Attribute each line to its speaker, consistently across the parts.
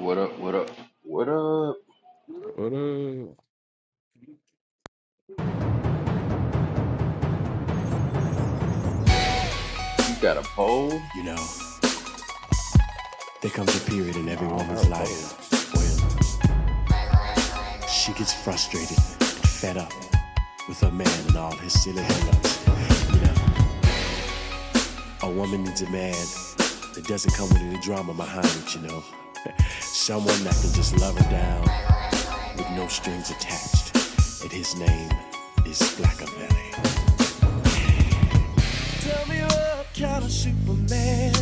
Speaker 1: What up? What up? What up? You got a poll?
Speaker 2: You know, there comes a period in every woman's life when she gets frustrated and fed up with her man and all his silly hang-ups. You know, a woman needs a man that doesn't come with any drama behind it, you know. Someone that can just love her down with no strings attached. And his name is Black Blackabelly. Tell me what kind of Superman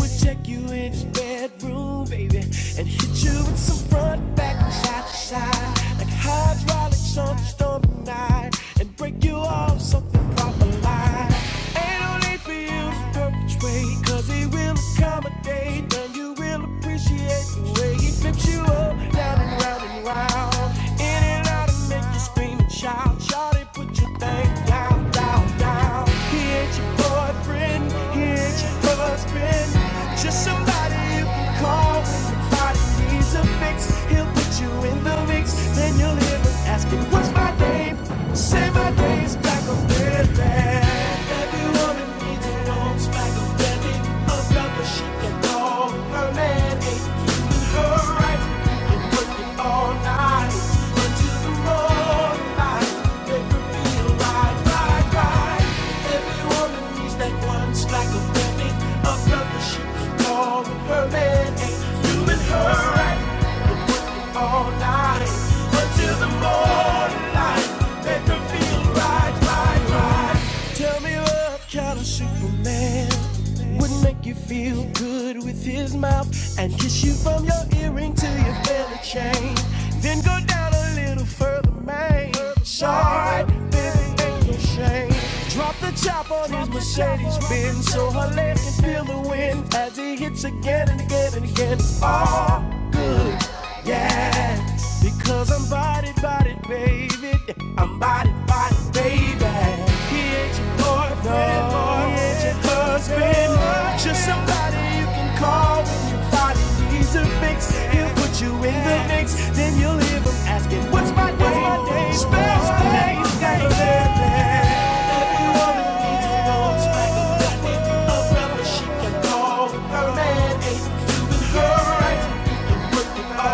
Speaker 2: would take you in his bedroom, baby, and hit you with some front, back, and side to side, like hydraulics on a stormy night, and break you off something proper light. Ain't no need for you to perpetrate, 'cause he will accommodate, and you will appreciate the way he flips you up down and round and round. In and out and make you scream and shout. Shawty, put your thing down, down, down. He ain't your boyfriend, he ain't your husband. Just somebody you can call when your body needs a fix. He'll put you in the mix, then you'll hear him asking, What's my name? Say my name's Black or Red. man. Every woman needs her own spangled belly of love, but she can call her man a human her right. And work it all night until the morning light. Make her feel right, right, right. Every woman needs that one spangled belly of love, but she can call her man ain't human her right all night until the morning light. Make her feel right, right, right. Tell me what kind of Superman would make you feel good with his mouth and kiss you from your earring to your belly chain. Then go down a little further, man. It's alright, baby, ain't no shame. Drop the chop on his Mercedes Benz so her legs can feel the wind as he hits again and again and again. Oh. Yeah, because I'm body, body, baby. I'm body, body, baby. He ain't your boyfriend, no, he ain't your husband. Just somebody you can call when your body needs a fix. He'll put you in the mix, and you'll hear him asking, What's my name? What's my name? Spell my name? let anyone that needs a know. Smack a baby, a brother she can call. Her man ain't doing her right. Yeah.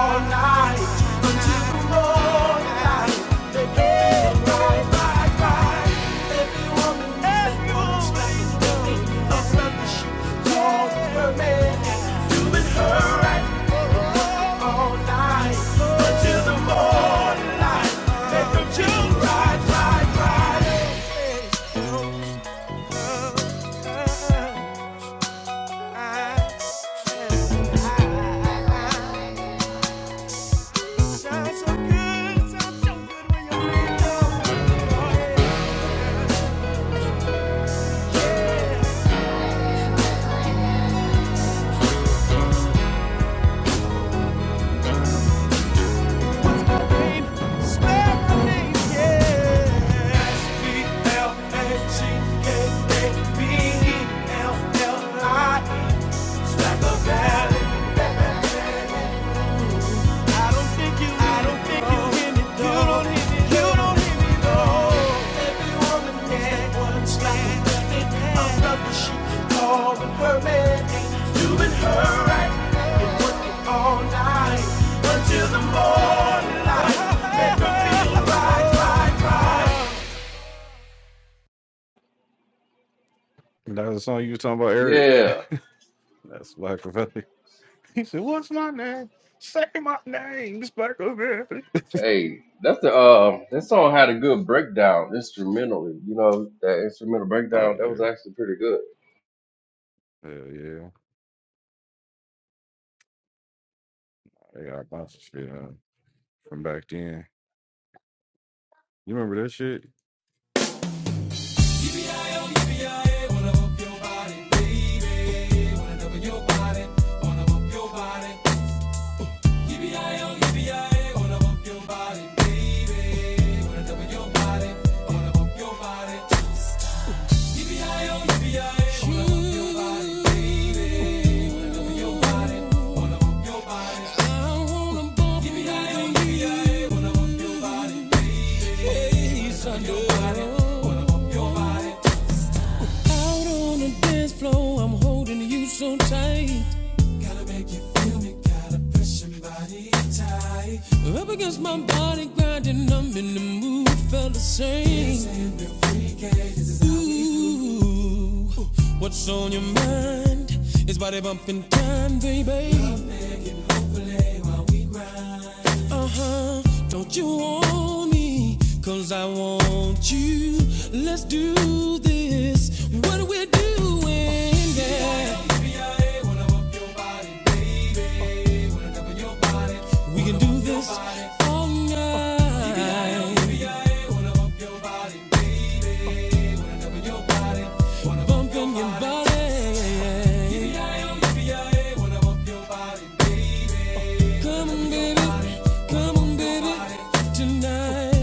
Speaker 2: Sounds so good, sounds so good when you're made up. Oh, yeah, yeah. Spell my name, spell yeah. S-P-L-A-C-K-A-B-E-L-L-I-E. Smack a I don't think you, I don't think you hear me though. You don't hear me, you don't hear me though. Every woman that once liked a brother, she calling her man. You and her right, and working all night until the morning light. Make her feel right, right,
Speaker 1: Yeah. Hey, that's the uh, that song had a good breakdown instrumentally. You know that instrumental breakdown that was actually pretty good.
Speaker 2: right. So tight, You make the pressure body tight. up against my body, grinding. I'm in the mood, felt the same. Ooh, what's on your mind? It's body bumping time, baby. Uh huh. Don't you want me? Cause I want you. Let's do this. What are we're doing, yeah. We can do this all night. Bumping your body. Come on, baby. Come on, baby. Tonight.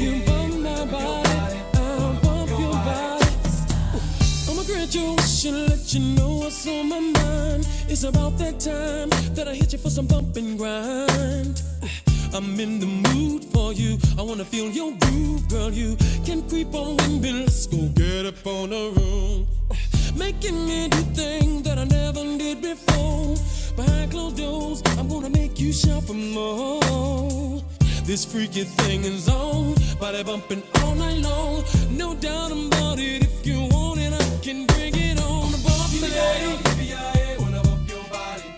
Speaker 2: You bump my body. I'll bump your body. I'ma let you know what's on my mind. It's about that time that I hit you for some bump and grind. I'm in the mood for you. I wanna feel your groove, girl. You can creep on with me. Let's go get up on the room. Making me do things that I never did before. Behind closed doors, I'm gonna make you shout for more. This freaky thing is on, body bumping all night long. No doubt about it. If you want it, I can bring it on. The Bump today, wanna bump your body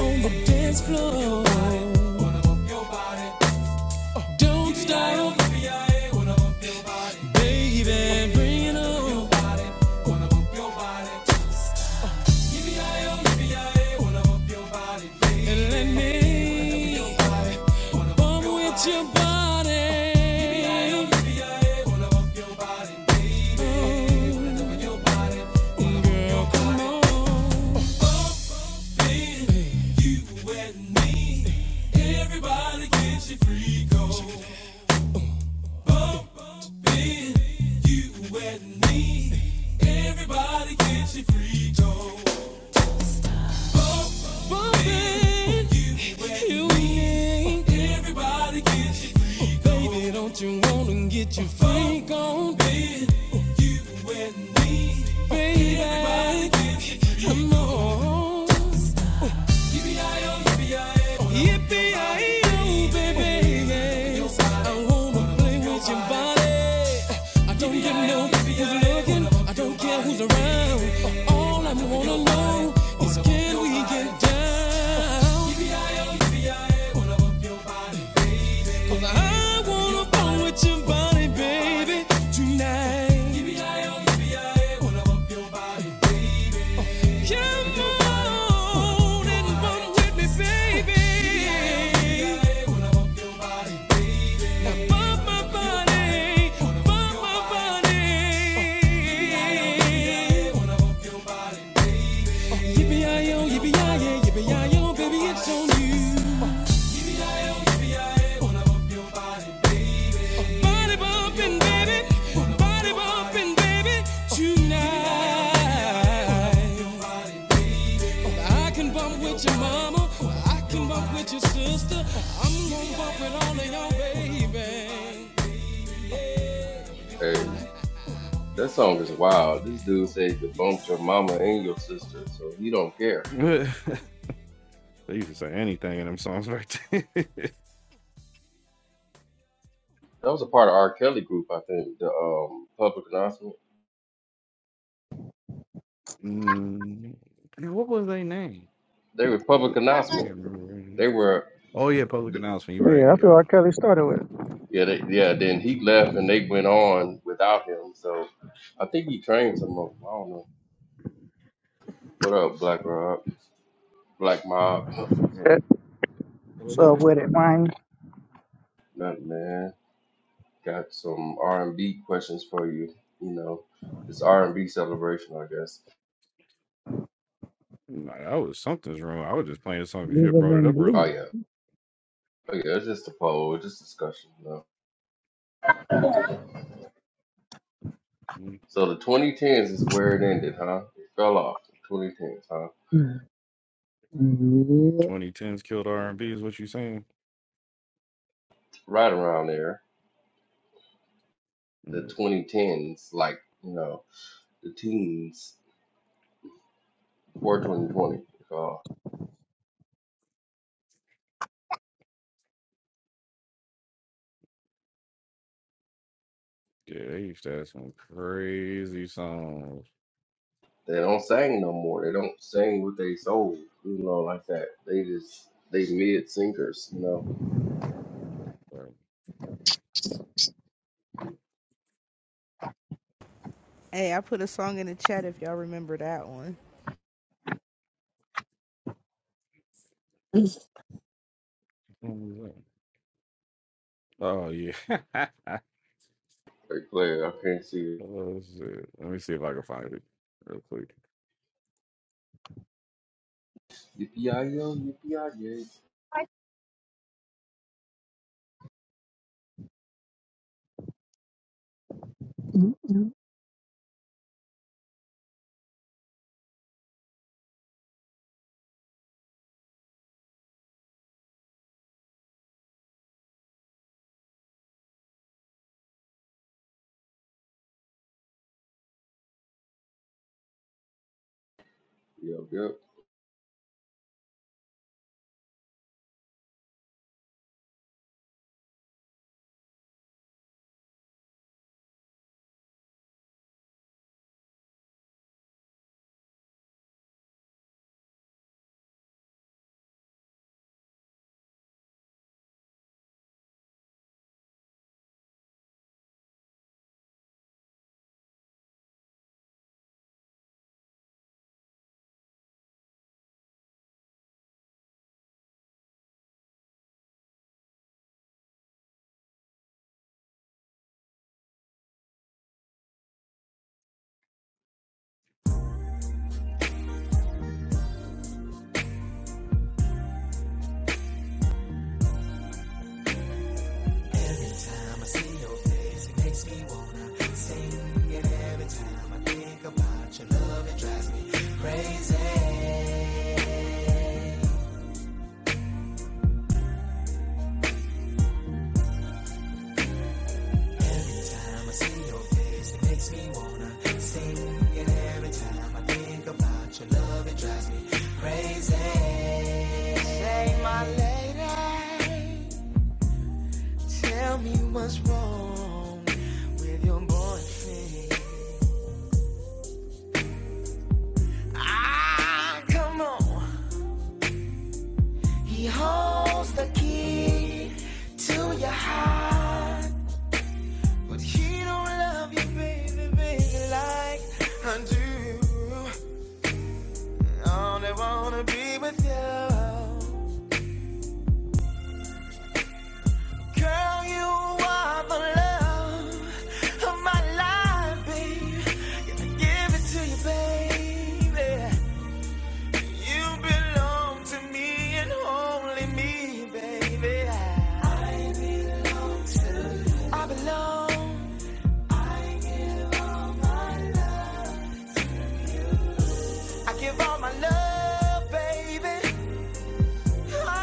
Speaker 2: on the dance floor. Wanna bump your body, Don't stop, baby, bring it on. let me bump with your body. Oh, girl, come on. Everybody gets your free on. Bump in. You and me. Everybody get your freak on. Something you need. Everybody gets your freak on. Baby, don't you wanna get your freak on? Baby, you and me. Baby, Everybody get your freak on. I know. Yippee-yi-yo, baby, yes. I wanna play with your body. I don't get no who's looking. I don't care who's around. All I wanna know is can we get down? 'Cause I wanna bone with your body, baby, tonight. Come on and bone with me, baby. Mama, I can bump with your sister. I'm gonna bump with all of y'all, baby.
Speaker 1: Hey, that song is
Speaker 2: Yo, remember
Speaker 1: wild. This dude said he could bump your mama and your sister,
Speaker 2: that.
Speaker 1: so he don't care. That was a part of R. Kelly group, I think. The um public announcement. They were public announcement. They were. th-
Speaker 3: Yeah, that's what R. Kelly started with.
Speaker 1: Yeah, they, yeah. Then he left, and they went on without him. So I think he trained some of them. I don't know. What up, Black Rob? Black Mob?
Speaker 3: Yeah. So with it, mine.
Speaker 1: Nothing, man. Got some R and B questions for you. You know, it's R and B celebration, I guess. Oh
Speaker 3: Living
Speaker 1: yeah, oh yeah. It's just a poll, it's just discussion. You know? So the 2010s is where it ended, huh? It fell off. The 2010s, huh?
Speaker 3: in blue.
Speaker 1: Right around there, the 2010s, like you know, the teens before 2020. Uh, they don't sing no more. They don't sing with they soul, you know, like that. They just they mid singers, you know
Speaker 4: Hey, I put a song in the chat if y'all remember that one.
Speaker 1: Like, player, I can't see it. Yippee-yi-yo, yippee-yi-yay.
Speaker 3: Yeah.
Speaker 1: Yep, yep.
Speaker 2: Every time I see your face, it makes me wanna sing. And every time I think about your love, it drives me crazy. Say, my lady, tell me what's wrong with your boyfriend. Ah, come on. He holds the key to your heart, but he don't love you, baby, baby, like I do. I Only wanna be with you. Girl, you are the love of my life, babe. I give it to you, baby. You belong to me and only me, baby. I I belong. All my love, I give all my love, baby. a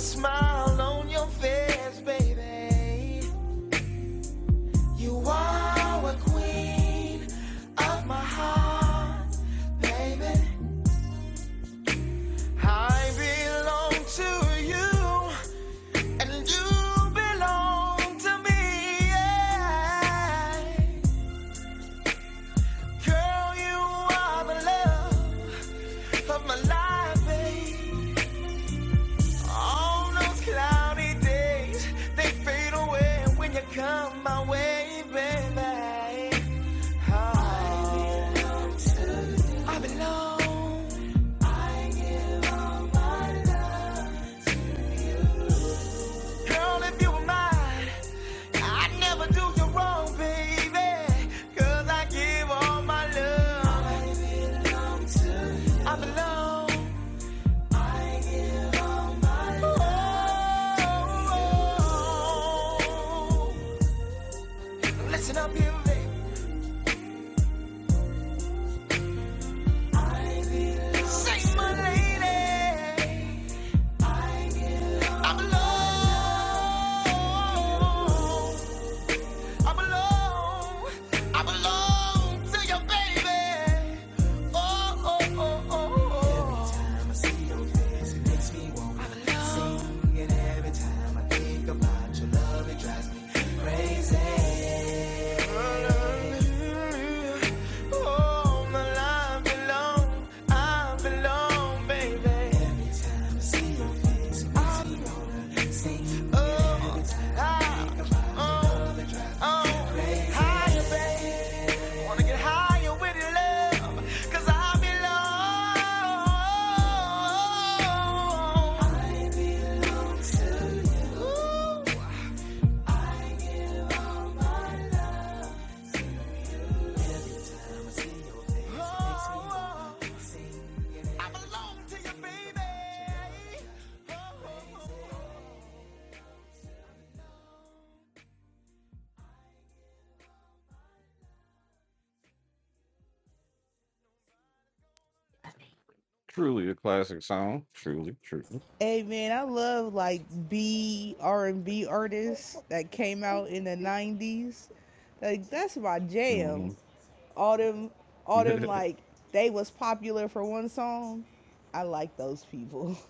Speaker 2: Smile on your face, baby. You are a queen of my heart, baby. I belong to you, and you belong to me. yeah. Girl, you are the love of my life, babe. All those cloudy days, they fade away when you come my way, baby. Oh, I belong. to you. I belong. I give all my love, Girl, if you were mine, I'd never do you wrong, baby. Cause I give all my love. I belong to you. I belong. Listen up, you lady. Say, my lady, I'm I'm I belong to your baby. Oh, oh, oh, oh, oh. Every time I see your face, it makes me want to alone. sing. And every time I think about your love, it drives me crazy. Oh, my life belong, I belong, baby. Every time I see your face, I wanna sing. Oh, I, oh, oh, higher, baby. Wanna get higher with your love, 'cause I belong. Ooh, oh, oh, oh. I belong to you, baby. Oh.
Speaker 4: Hey man, I love like B R and B artists that came out in the nineties. Like that's my jam. All them all them like they was popular for one song. I like those people.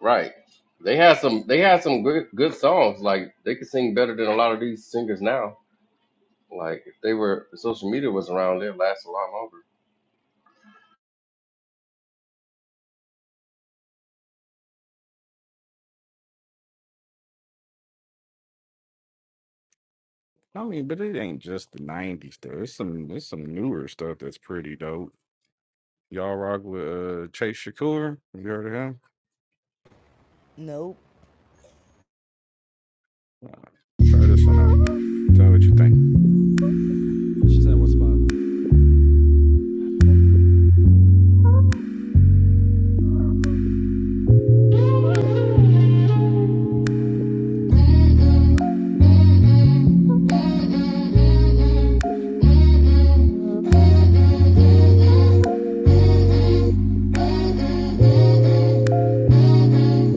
Speaker 1: Right. They had some. They had some good good songs. Like they could sing better than a lot of these singers now. Like if they were, if social media was around, they'd last a lot longer.
Speaker 4: Nope.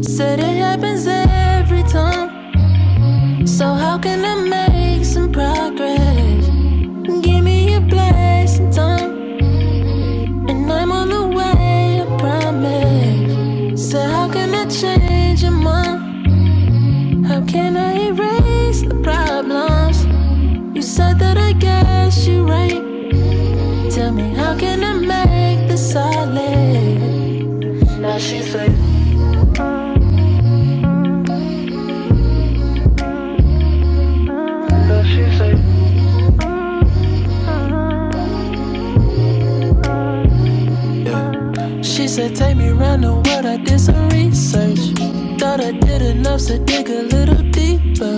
Speaker 2: Said it happens every time. So how can I make some progress? Give me a blessing time, and I'm on the way. I promise. So how can I change your mind? How can I erase the problems? You said that I guess you right. Tell me how can I make this solid? Now she's like. She said, take me round the world, I did some research. Thought I did enough, so dig a little deeper.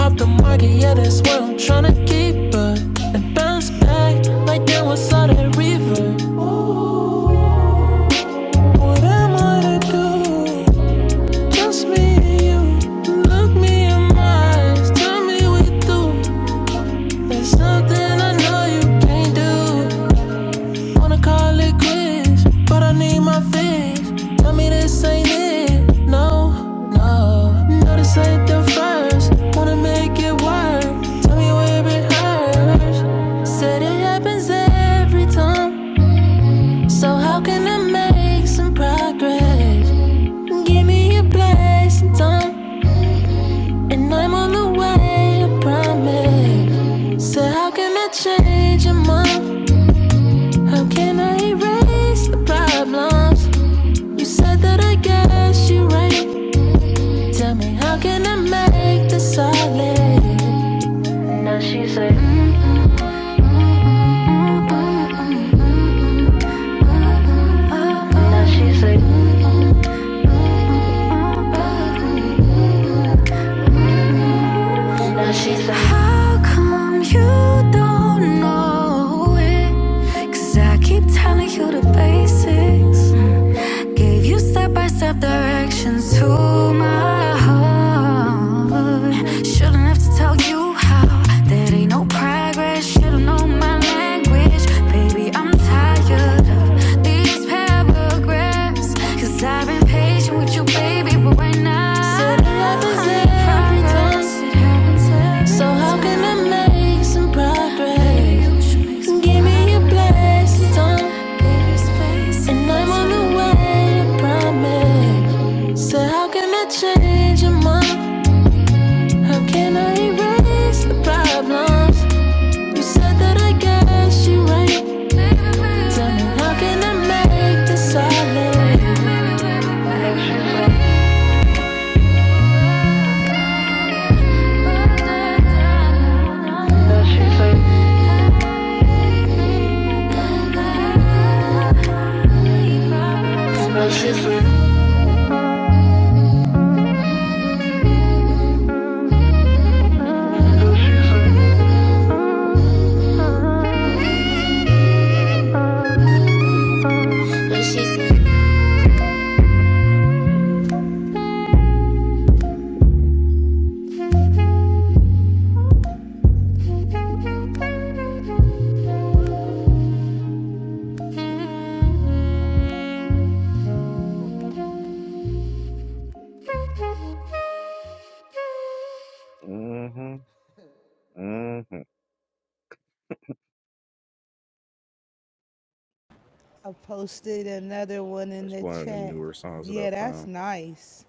Speaker 2: Off the market, yeah, that's what I'm tryna keep her. And bounce back, like that was all that reverb. What am I to do? Just me and you. Look me in my eyes, tell me we do. There's something I know you can't do. Wanna call it quits, but I need my fix. Tell me this ain't it. No, no. No, this ain't the first. Wanna make it work. Tell me where it hurts. Said it happens every time. So how can I make some progress? Give me a blessing time. And I'm on the way, I promise. So how can I change your mind? How can I erase the problems? You said that I guess you're right. Tell me, how can I make this solid? Now she said. Now she said. Now she said. How come you don't know it? Cause I keep telling you the basics. Gave you step by step directions to my heart. Shouldn't have to tell you how. There ain't no progress. Should've known my language. Baby, I'm tired of these paragraphs. Cause I I've been patient with you, baby, but right now. I need every time. progress. It So how can I make some progress? Give me your blessed Baby, And I'm on the way, I promise. So how can I change your mind? How can I erase the problems? You said that I guess you right. Tell me how can I make this solid? baby,
Speaker 4: I posted another one in the chat. Yeah, that's nice.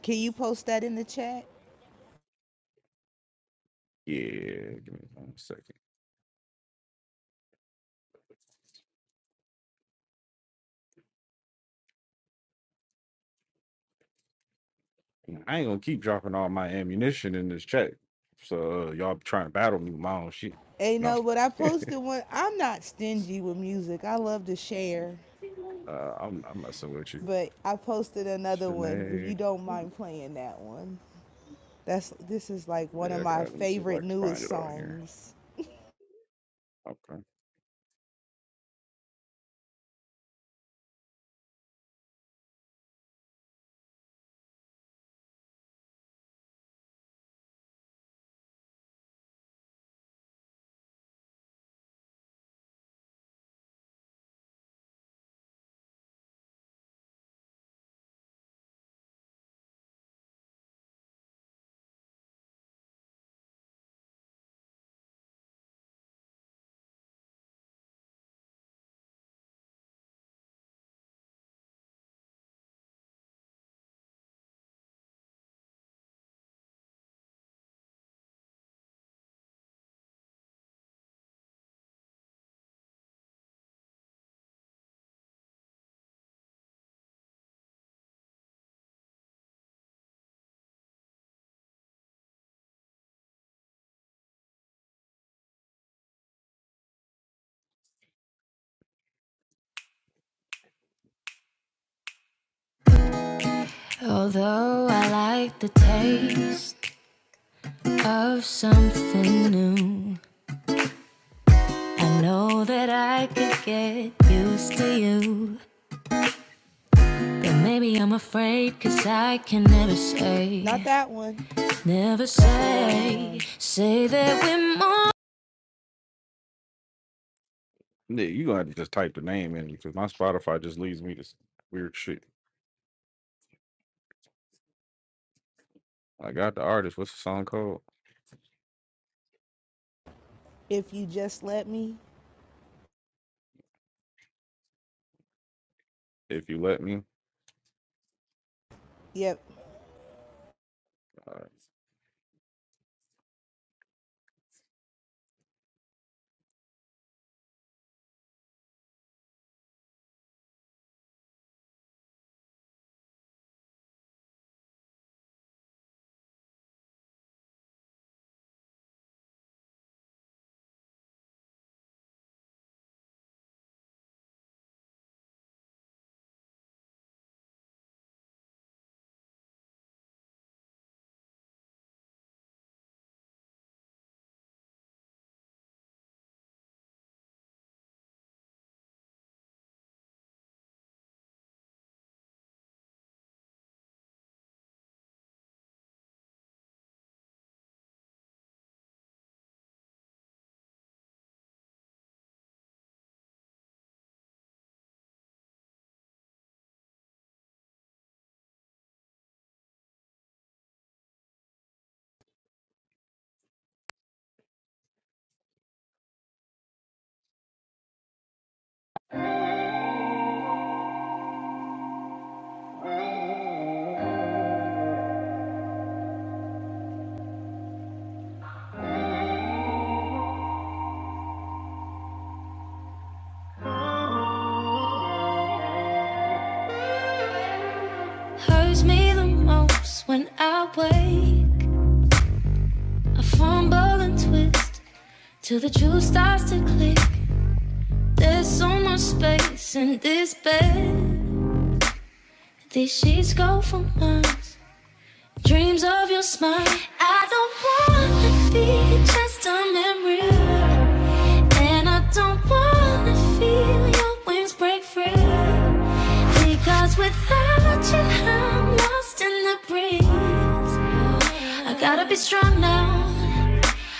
Speaker 4: Can you post that in the chat? Hey no, but I posted one I'm not stingy with music. I love to share. But I posted another one. If you don't mind playing that one, that's this is like one of my favorite newest songs.
Speaker 2: Although I like the taste of something new, I know that I could get used to you. But maybe I'm afraid, cause I can never
Speaker 4: Not
Speaker 2: say,
Speaker 4: that one.
Speaker 2: never
Speaker 4: That's the wrong
Speaker 2: say,
Speaker 4: one.
Speaker 2: say that we're more.
Speaker 4: If you just let me. Yep,
Speaker 2: Hurts me the most when I wait. I fumble and twist till the truth starts to click. There's so much space in this bed. These sheets go for miles. Dreams of your smile. I don't wanna be just a memory. And I don't wanna feel your wings break free. Because without you, I'm lost in the breeze. I gotta be strong now.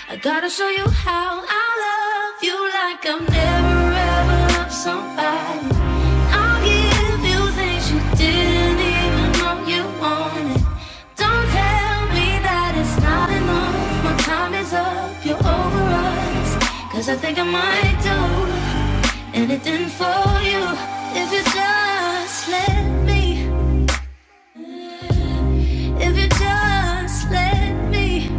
Speaker 2: I gotta show you how I love you like I've never ever loved somebody. I'll give you things you didn't even know you wanted. Don't tell me that it's not enough. My time is up, you're over us. Cause I think I might do anything for you. If you just let me, if you just let me.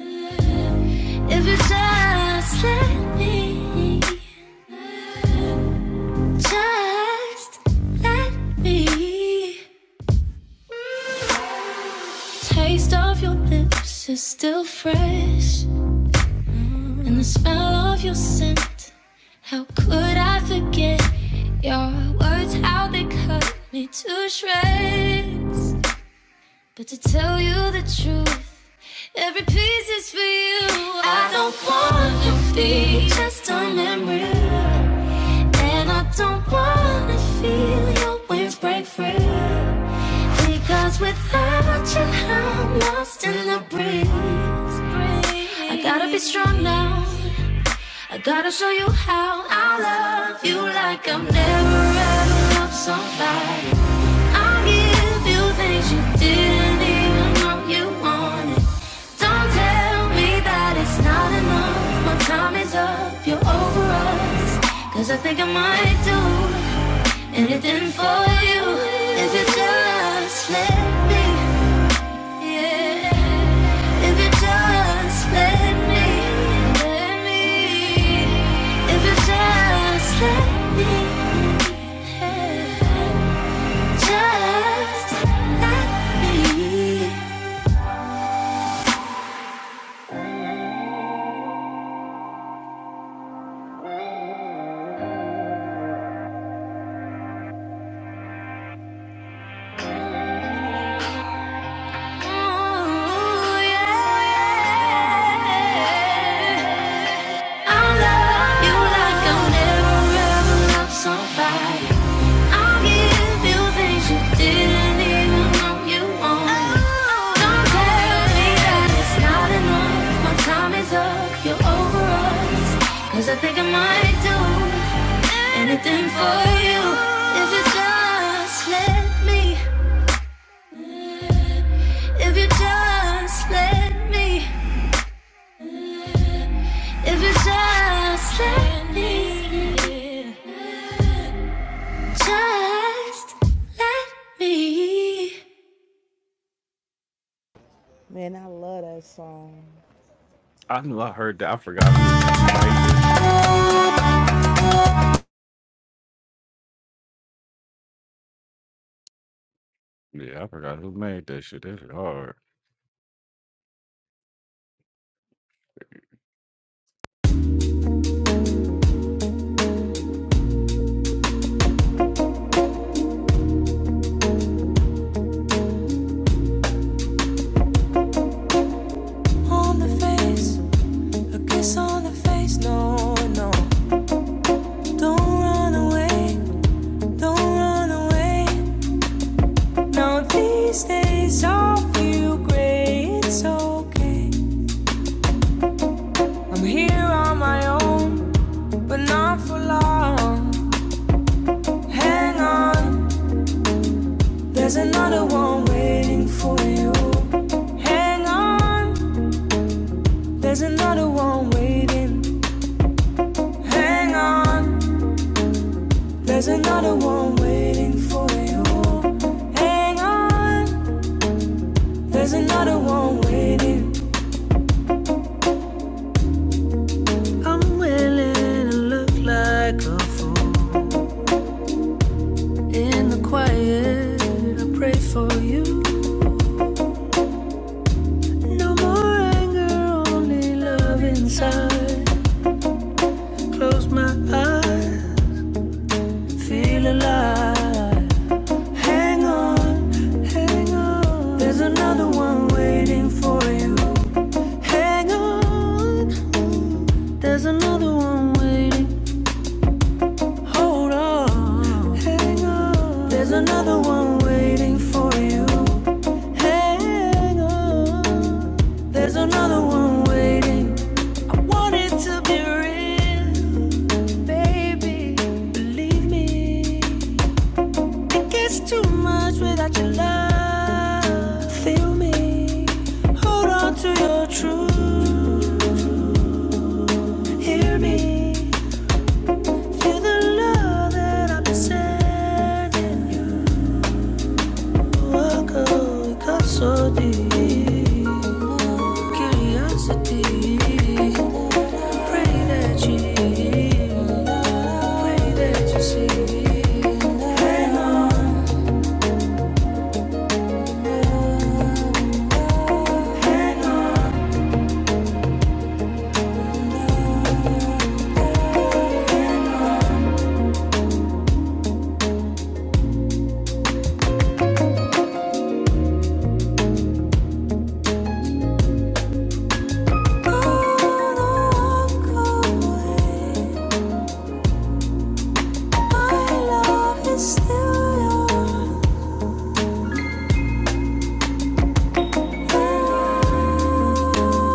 Speaker 2: If you just let me, just let me. Taste of your lips is still fresh, and the smell of your scent. How could I forget your words? How they cut me to shreds. But to tell you the truth, every piece is for you. I don't want to be just a memory, and I don't want to feel your wings break free. Because without you, I'm lost in the breeze. I gotta be strong now. I gotta show you how I love you like I've never ever loved somebody. I give you things you didn't even know you wanted. Don't tell me that it's not enough. My time is up, you're over us. Cause I think I might do anything for you. If you're jealous, let me, yeah. If you just let me, let me. If you just let me, just let me. Ooh, yeah. yeah. i love you like I'll never ever love somebody. I'll give you things you didn't even know you wanted. Don't tell me that it's not enough. My time is up. You're over us. 'Cause I think I might do anything for you. If you just let me. If you just let me. If you just let me. Just let me
Speaker 4: man, I love that song.
Speaker 2: on the face. A kiss on the face, no, no. Don't run away, don't run away. Now these days I feel great, it's okay. I'm here on my own, but not for long. Hang on, there's another one waiting for you. Hang on, there's another one waiting. Hang on, there's another one waiting for you. Hang on. There's another one waiting. I'm willing to look like a fool. In the quiet, I pray for you. No more anger, only love inside. Close my eyes, feel alive. Hang on, hang on. There's another one waiting for you. Hang on, there's another one waiting. Hold on. Hang on. There's another one waiting for you. Hang on. There's another one waiting. I want it to be real, baby. Believe me. It gets too much without your love. Feel me. Hold on to your truth. Hear me. Feel the love that I've been sending you. walk out, it got so deep. Curiosity, pray that you hear. pray that you see. Hang on, hang on. Oh girl, My love is still yours. Oh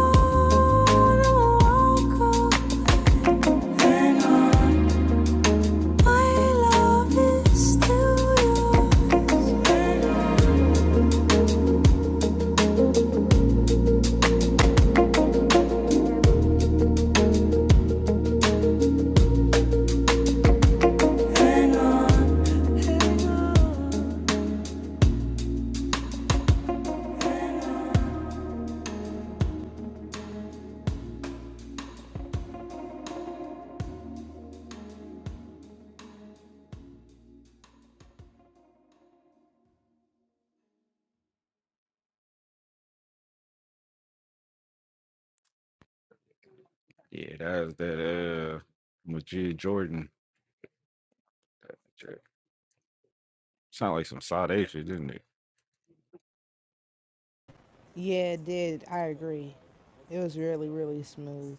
Speaker 2: girl, Hang on, my love is still yours. Hang on. Hang on, hang on.
Speaker 4: Yeah, it did. I agree. It was really, really smooth.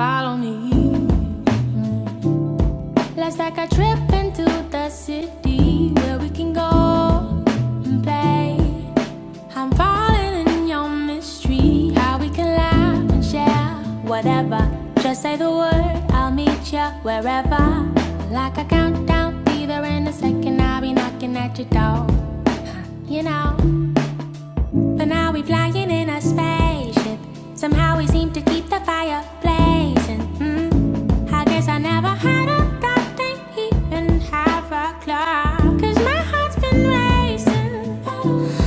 Speaker 2: Follow me. Let's take a trip into the city where we can go and play. I'm falling in your mystery. How we can laugh and share whatever. Just say the word, I'll meet ya wherever. Like a countdown, either in a second, I'll be knocking at your door. You know. But now we're flying in a spaceship. Somehow we seem to keep the fire blazing. Mm. I guess I never had a thought they even have a clock. 'Cause my heart's been racing.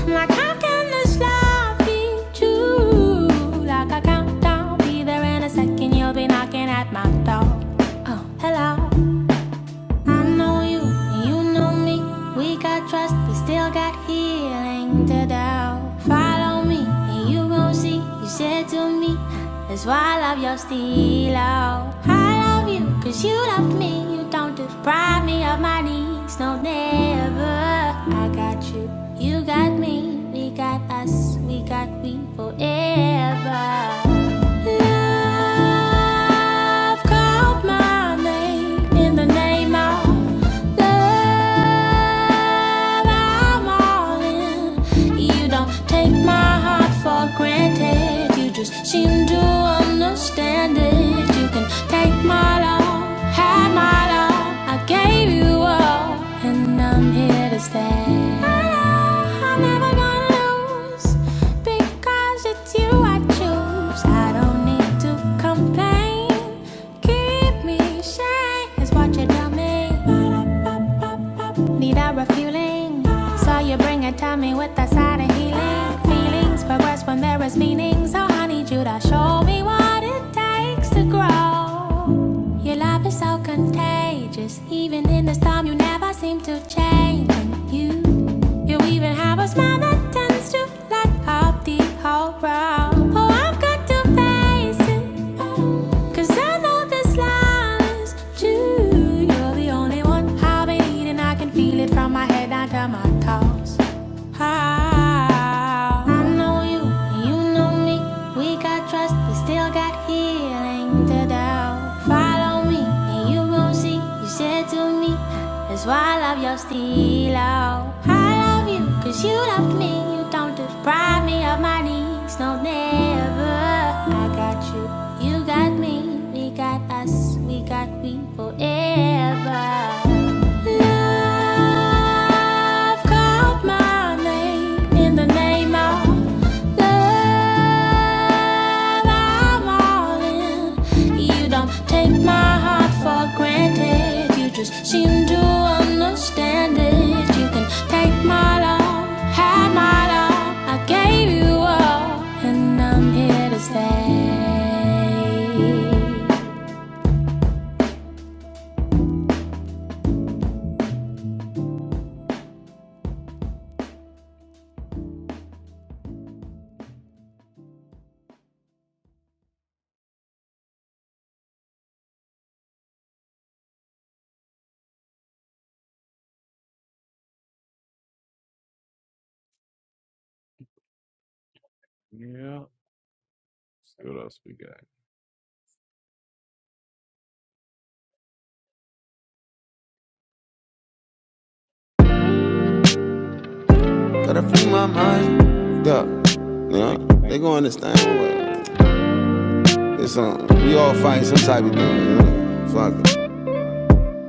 Speaker 2: Like, how can this love be true? Like a countdown, be there in a second, you'll be knocking at my door. Oh, hello. I know you, and you know me. We got trust, but still got healing to doubt. Follow me, and you gon' see. You said to me, that's why I love your style. I love you, cause you loved me. You don't deprive me of my my knees, no, never. I got you, you got me, we got us, we got we forever. Love called my name in the name of love. I'm all in. You don't take my heart for granted. You just seem to understand it. You can take my love, have my love. I gave you all, and I'm here to stay. I know I'm never gonna lose because you it's you I choose. I don't need to complain. Keep me sane is what you tell me. Need a refueling. So you bring it to me with a side of healing. Feelings progress when there is meaning. So I need you to show me what it takes to grow. Your love is so contagious. Even in the storm, you never seem to change. And you you even have a smile that tends to light up the whole world. Oh, I've got to face it. Cause I know this line is true. You're the only one I've been needing. I can feel it from my head down to my toes. How? I know you, you know me. We got trust, but still got healing to doubt. Follow me, and you gon' see. You said to me, that's why I love your style. I love you, cause you loved me. You don't deprive me got me on my knees, no, never. I got you, you got me, we got us, we got we forever. Love called my name in the name of love. I'm all in. You don't take my heart for granted. You just seem to understand it. You can take my love, have my love. I gave you all, and I'm here to stay. Gotta free my mind. Yeah. Yeah. They gon' understand what it's on. We all fighting some type of thing, you know? Fuck it.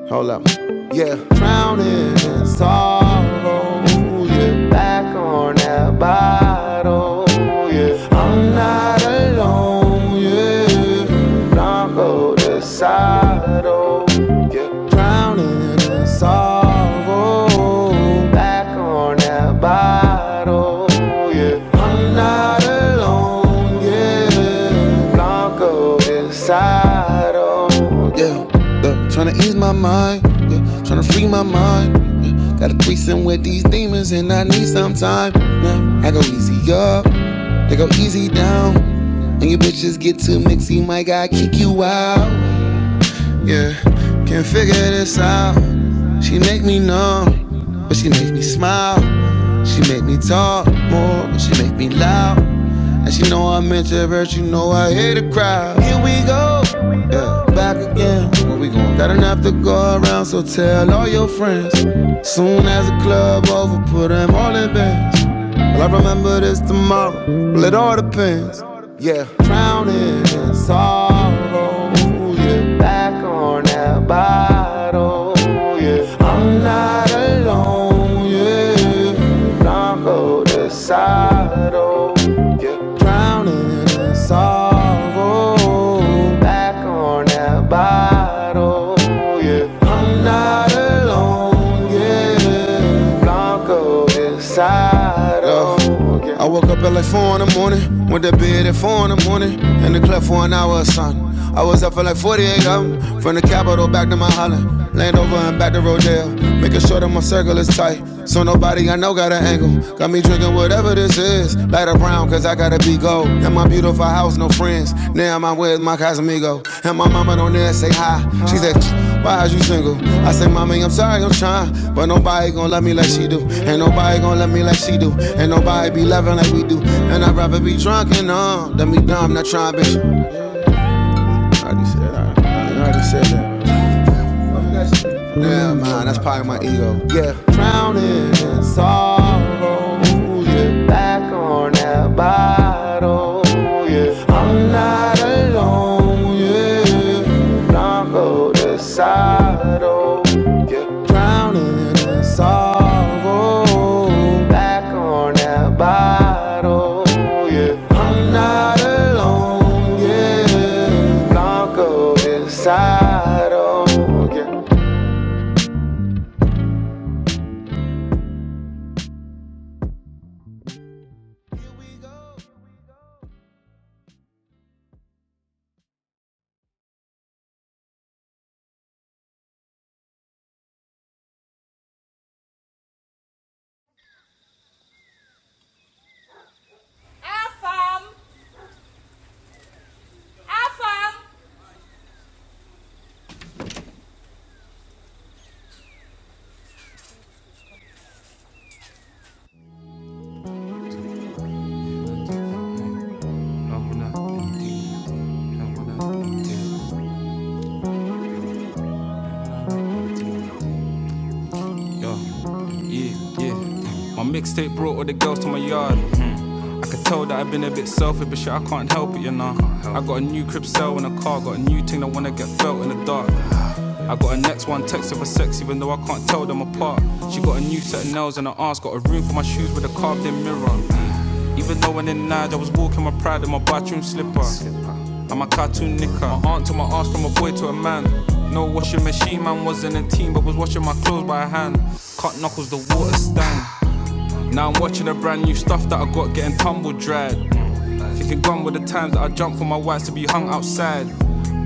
Speaker 2: Hold up. Yeah. Drowning in sorrow. Yeah. Back on that bottle. Yeah. I'm not alone. Yeah. Don't go to saddle. Get drowning in sorrow. Back on that bottle, yeah. I'm not alone, yeah. Blanco decided, yeah. Look, trying to ease my mind, yeah. Trying to free my mind, yeah. Got a threesome with these demons and I need some time. Now I go easy up, they go easy down. And your bitches get too mixy, my God, kick you out. Yeah, can't figure this out. She make me numb, but she make me smile. She make me talk more, but she make me loud. And she know I'm introvert, you know I hate a crowd. Here we go, yeah, back again. Where we gon' got enough to go around, so tell all your friends. Soon as the club over, put them all in bed. Will I remember this tomorrow? Well, it all depends. Yeah, drowning in sorrow. Yeah, back on that bottle. Yeah, I'm not alone. Yeah, Blanco Desado. Yeah, drowning in sorrow room, back on that bottle. Yeah, I'm not alone. Yeah, Blanco is Yeah. I woke up at like four in the morning, went to bed at four in the morning, in the club for an hour or something. I was up for like 48 hours. From the capital back to my island. Land over and back to Rodale. Making sure that my circle is tight. So nobody I know got an angle. Got me drinking whatever this is. Light a brown, cause I gotta be gold. In my beautiful house, no friends. Now I'm with my Casamigo. And my mama don't dare say hi. She said, why are you single? I say, mommy, I'm sorry, I'm trying. But nobody gon' love me like she do. Ain't nobody gon' love me like she do. Ain't nobody be loving like we do. And I'd rather be drunk and on than be dumb, not trying, bitch. I just said that. I already said that. Never mind, that's probably my ego. Yeah, drowning in sorrow. Yeah, back on that bottle. Yeah, I'm not alone. Yeah, Blanco de sado. Yeah, drowning sorrow. Back on that bottle, yeah. I'm not alone, yeah. Blanco is saddle, yeah. No, we're not. No, we're not. Yo, yeah, yeah. My mixtape brought all the girls to my yard. I could tell that I've been a bit selfish, but shit, I can't help it, you know. I got a new crib cell in a car, got a new thing that wanna get felt in the dark. I got a next one text of a sex, even though I can't tell them apart. She got a new set of nails and her arse, got a room for my shoes with a carved in mirror. Even though when in night I was walking my pride in my bathroom slipper. I'm a cartoon knicker. My aunt to my ass from a boy to a man. No washing machine, man wasn't a team, but was washing my clothes by hand. Cut knuckles, the water stand. Now I'm watching the brand new stuff that I got getting tumbled dried. Thinking gone were the times that I jumped for my whites to be hung outside.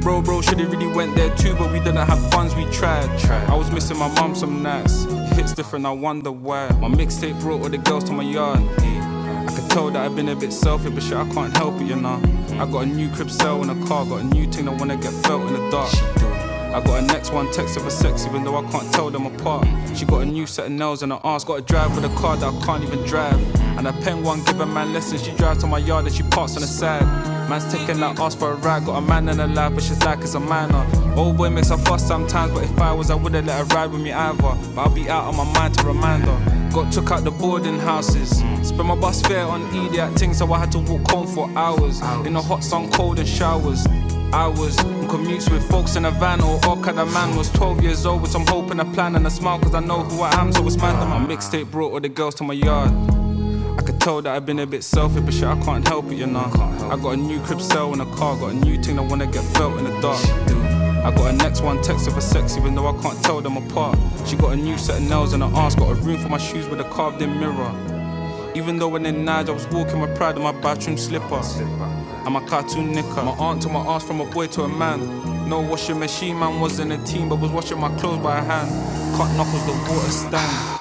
Speaker 2: Bro, bro, shoulda really went there too, but we didn't have funds, we tried. I was missing my mum some nights. Hits different, I wonder why. My mixtape brought all the girls to my yard. I could tell that I've been a bit selfish, but shit, I can't help it, you know. I got a new crib sale in a car, got a new thing I wanna get felt in the dark. I got a next one, text of a sex, even though I can't tell them apart. She got a new set of nails and her ass, got a drive with a car that I can't even drive. And a pen one, give a man lessons, she drives to my yard and she parks on the side. Man's taking that ass for a ride, got a man in her life, but she's like it's a minor. Old boy makes her fuss sometimes, but if I was, I wouldn't let her ride with me either. But I'll be out of my mind to remind her. Got took out the boarding houses. Spent my bus fare on idiot things, so I had to walk home for hours. In the hot sun, cold and showers. I was on commutes with folks in a van or orca. The man was 12 years old with some hope and a plan and a smile, cause I know who I am, so it's mad that my mixtape brought all the girls to my yard. I could tell that I've been a bit selfish, but shit, I can't help it, you know. I got a new crib sale and a car, got a new thing I wanna get felt in the dark. I got a next one text of a sex, even though I can't tell them apart. She got a new set of nails and her arms, got a room for my shoes with a carved in mirror. Even though when in Nige I was walking my pride in my bathroom slipper. I'm a cartoon knicker. My aunt to my ass from a boy to a man. No washing machine, man wasn't a team, but was washing my clothes by hand. Cut knuckles, the water stand.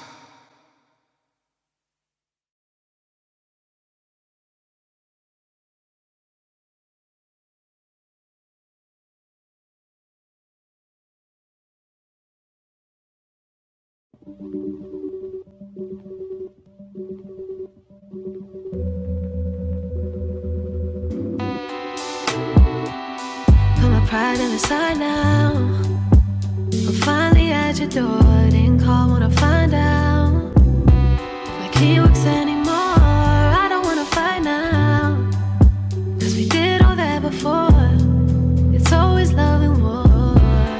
Speaker 2: Put my pride on the side now. I'm finally at your door. I Didn't call, wanna find out. my key works anymore, I don't wanna fight now. Cause we did all that before. It's always love and war.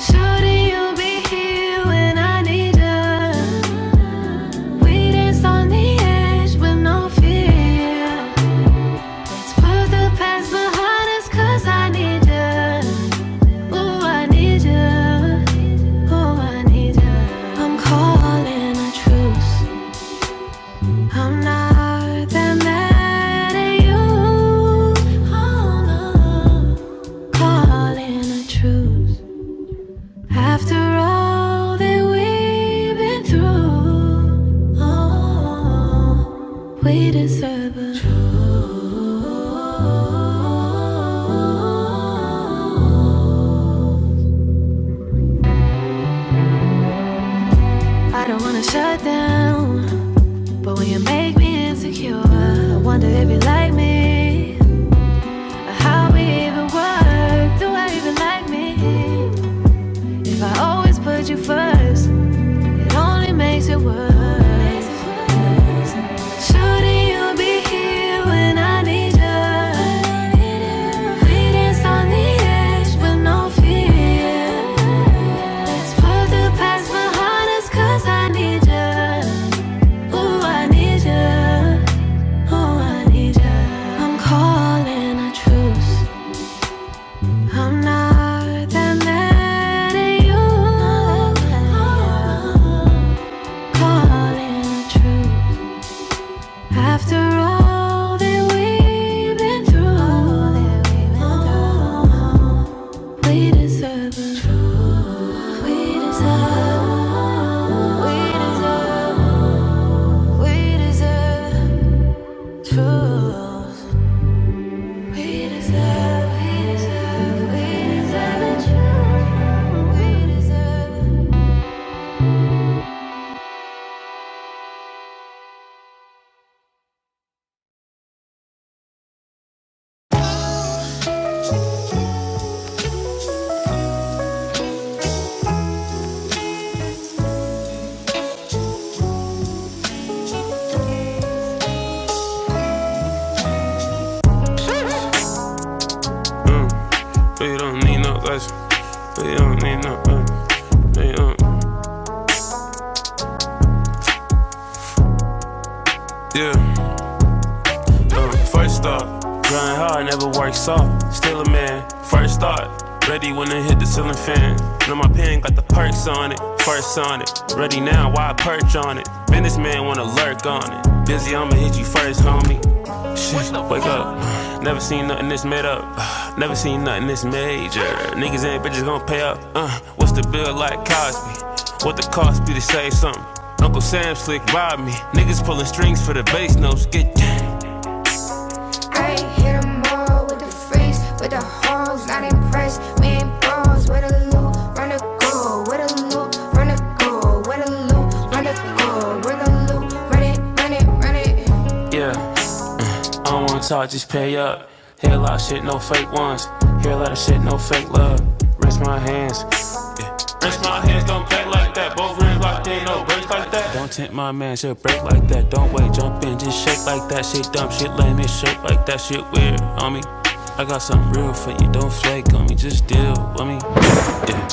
Speaker 2: Shorty, you'll be here when I need ya. We dance on the edge with no fear. Let's put the past behind us 'cause I need ya. Ooh, I need ya. Ooh, I need ya. I'm calling a truce. I'm not that mad at you. Oh, no. Calling a truce. After all that we've been through, oh, we deserve a true. I don't wanna shut down, but when you make me insecure, I wonder if you like me. or How we even work? Do I even like me? If I always put you first, It only makes it worse. Shouldn't you be here when I need you? We dance on the edge with no fear. Let's put the past behind us 'cause I need you. Ooh, I need you. Ooh, I need you. I'm calling a truce. I'm not that mad at you. Calling the truth. After all that we've been through, oh, we deserve the truth. We deserve. We deserve. We deserve the truth. We deserve. We deserve. We deserve it. We deserve. We don't need no lesson. We don't need no lesson. We don't. Yeah. Uh, first up, grind hard, never work soft. Still a man, first thought. Ready when I hit the ceiling fan. Know my pen got the perks on it, first on it. Ready now, why I perch on it? Businessman wanna lurk on it. Busy, I'ma hit you first, homie. Shit, wake up. Never seen nothing this made up. Never seen nothing this major. Niggas and bitches gon' pay up. Uh, what's the bill like Cosby? What the cost be to save something? Uncle Sam slick robbed me. Niggas pulling strings for the bass notes. Get down. Yeah, I don't wanna talk, just pay up. Hear a lot of shit, no fake ones. Hear a lot of shit, no fake love. Rinse my hands. Yeah. Rest my hands, don't play like that. Both rings locked in, no breaks like that. Don't tempt my man, she'll break like that. Don't wait, jump in, just shake like that. Shit dumb, shit lame, it shake like that. Shit weird, on me. I got something real for you, don't flake on me, just deal with me. Yeah.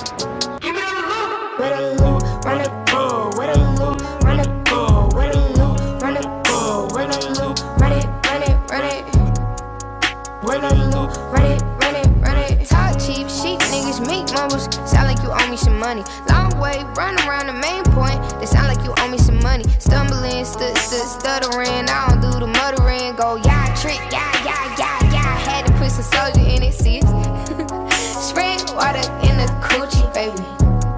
Speaker 2: Run it, Run it, bull, run it loop, run it, bull, run it loop, run it, run it, run it, run it loop, run it, run it, run it. Talk cheap, sheep niggas, meat mumbles. Sound like you owe me some money. Long way, run around the main point. They sound like you owe me some money. Stumbling, stood, stood, stuttering. I don't do the muttering. Go, yeah, trick, yeah, yeah, yeah, yeah. Had to put some soldier in it, see it. Spray water in the coochie, baby.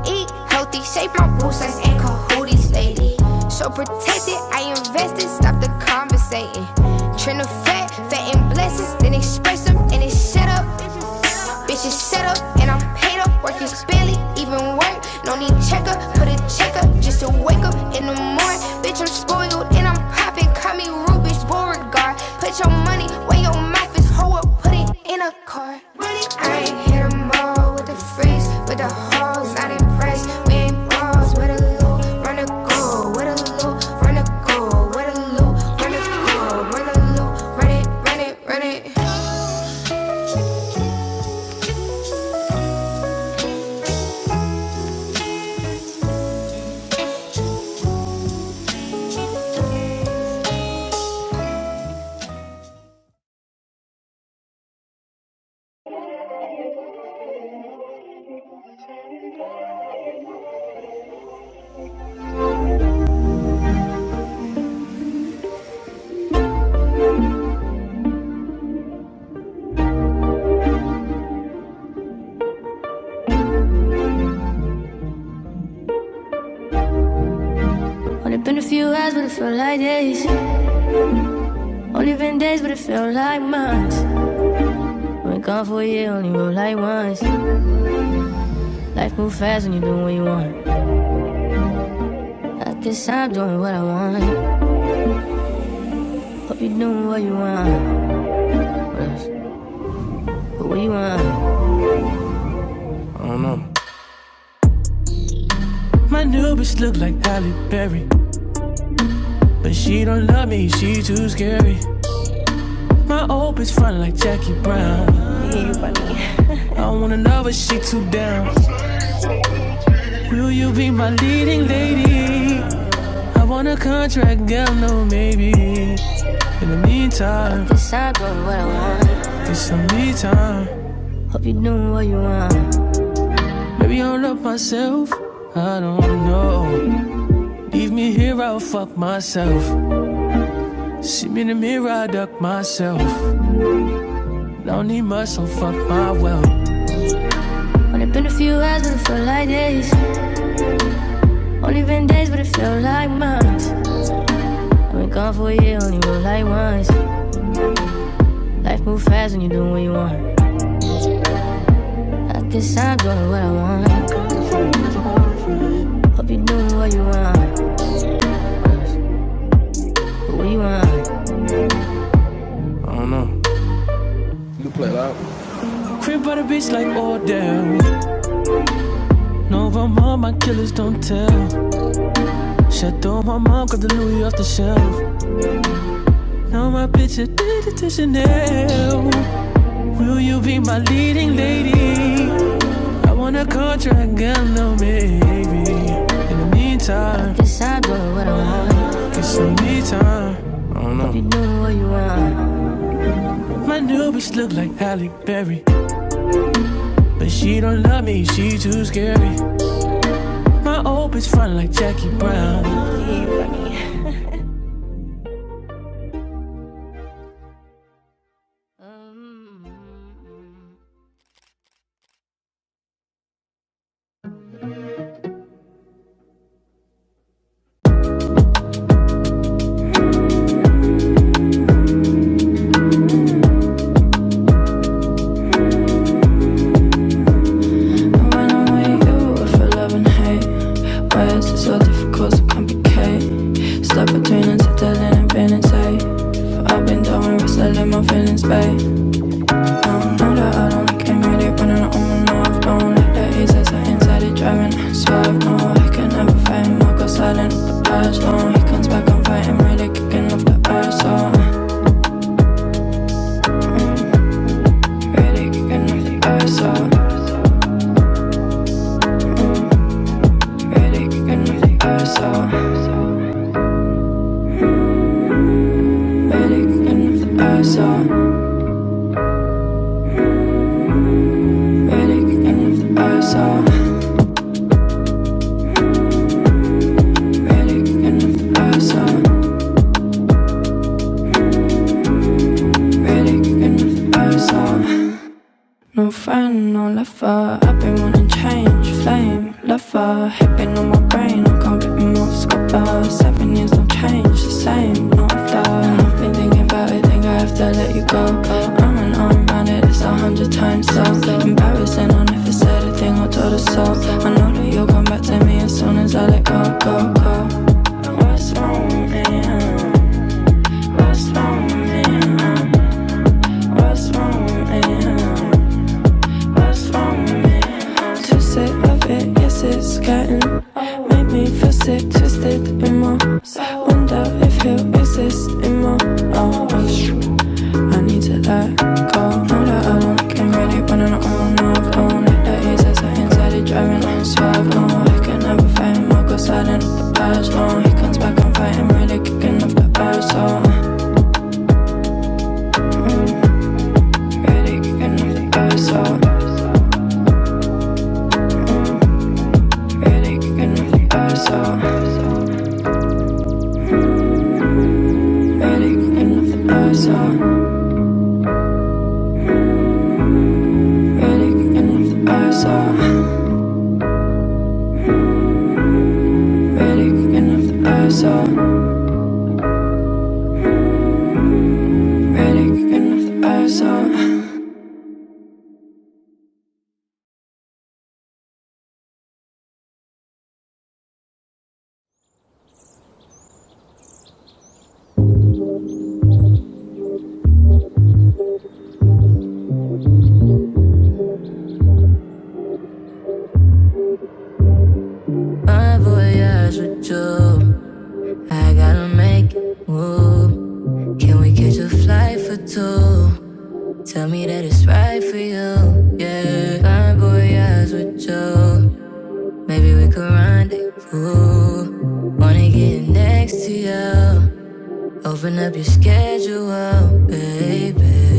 Speaker 2: Eat healthy, shape my boots, I'm in cahooties lately. So protected, I invested, stop the conversating. Trend of fat, fat and blessings, then express them and it's set up. Bitches set up and I'm paid up, work is barely even work. No need checker, put a checker just to wake up in the morning. Bitch, I'm spoiled and I'm popping, call me Rubish Borg guard. Put your money where your mouth is, hoe up, put it in a car. I ain't hit 'em all with the freeze, with the hoes, not impressed. We ain't balls, with a loop, run a goal, with a loop, run a goal, with a loop, run a goal, run a loop, run it, run it, run it. Only been a few hours, but it felt like days. Only been days, but it felt like months. Been gone for a year, only wrote like once. Life move fast when you doing what you want. I guess I'm doing what I want. Hope you doing what you want. But what you on? My new bitch look like Halle Berry, but she don't love me, she too scary. My old bitch front like Jackie Brown. I wanna know but she too down. Will you be my leading lady? I want a contract, girl, no maybe. In the meantime, This I go what I want. it's some me time. You know Maybe I'll love myself. I don't know. Leave me here, I'll fuck myself. See me in the mirror, I duck my, my well. Only been a few hours, but it felt like days. Only been days, but it felt like months. I've been gone for a year, only real like once. Life moves fast when you are doing what you want. I guess I'm doing what I want. Hope you are doing what you want, But what you want. Crib by the beach like Odell. No, my mom, my killers don't tell. Shut down my mom, got the Louis off the shelf. Now my bitch a did it to Chanel. Will you be my leading lady? I want a contract, girl, no maybe. In the meantime, Guess I do what I want. get some me time. My new bitch look like Halle Berry, but she don't love me, she too scary. My old bitch fun like Jackie Brown. When I'm with you, I feel love and hate. Why is it so difficult to complicate? Stuck between uncertainty and vanity. I've been down and wrestling my feelings, babe. Murder, I don't like him really running on my mouth. Don't let the haters that inside it driving. Swerve, no, I can never fight him. I go No, he comes back, i fighting. Really kicking off the ice. so. Really kicking off the ice. so. Really kicking off the ice. so. Really kicking off the earth, so. Really kicking off the earth, so. Really so. Really so. No fun, no lover. I've been wanting change, flame, lover. Hipping on my brain, I can't rip him off scupper. Seven years, no change, the same, no other. And I've been thinking about it, think I have to let you go. I'm an arm around it, it's a hundred times so embarrassing. I never said a thing or told a soul. I know that you'll come back to me as soon as I let go, go, go. What's wrong with me? huh? What's wrong with me? huh? What's wrong with me? huh? pass on me. To say love it, yes it's getting Made me feel sick, twisted in my soul. Wonder if he'll exist in my oh, I need to let go Know that I don't can really run on my own I've owned it, that is as I inside it Driving in swab, no I can never fight him. I go silent at the badge, no He comes back, and fight him. really kicking off the badge, so mm, Really kicking off the badge, so mm, Really kicking off the badge, so Medic in the I saw. Medic in the I saw. Medic in the I saw. Medic in the I saw. My voyage with you. I gotta make it move. Can we catch a flight for two? Tell me that it's right for you. Yeah. My voyage with you. Maybe we could rendezvous. Wanna get next to you. Open up your schedule, baby.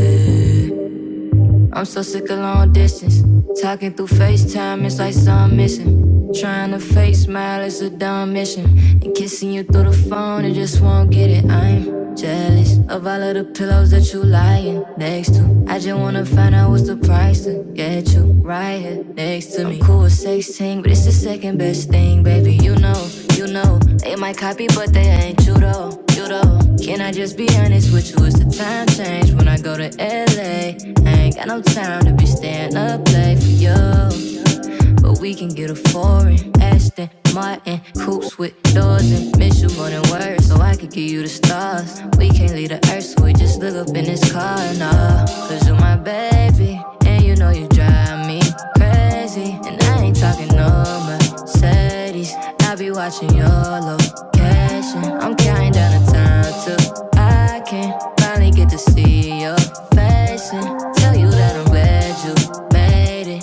Speaker 2: I'm so sick of long distance. Talking through FaceTime, it's like something missing. Trying to fake smile is a dumb mission. And kissing you through the phone, it just won't get it. I'm jealous of all of the pillows that you lying next to. I just wanna find out what's the price to get you right here next to me. I'm cool with 16, but it's the second best thing, baby. You know. You know, they might copy, but they ain't you though. You though. Can I just be honest with you? It's the time change when I go to LA. I ain't got no time to be staying up late for you. But we can get a foreign Aston Martin Coops with doors and miss you more than words So I could give you the stars We can't leave the earth so we just look up in this car and all Cause you my baby and you know you drive me crazy, and I ain't talking no Mercedes. I be watching your location. I'm counting down the time till I can finally get to see your face and tell you that I'm glad you made it.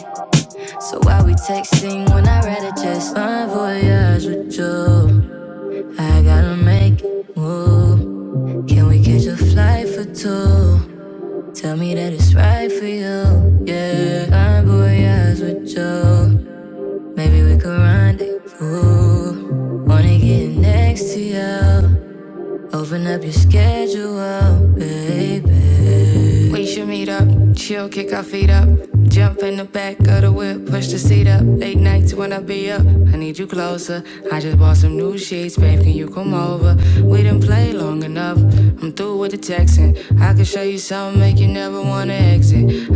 Speaker 2: So why we texting when I rather just fine voyage with you? I gotta make it move. Can we catch a flight for two? Tell me that it's right for you. Yeah, fine voyage with you. Maybe we could rendezvous. Wanna get next to you. Open up your schedule, baby. We should meet up, chill, kick our feet up. Jump in the back of the whip, push the seat up. Late nights when I be up, I need you closer. I just bought some new sheets, babe, can you come over? We didn't play long enough, I'm through with the texting. I can show you something, make you never wanna exit.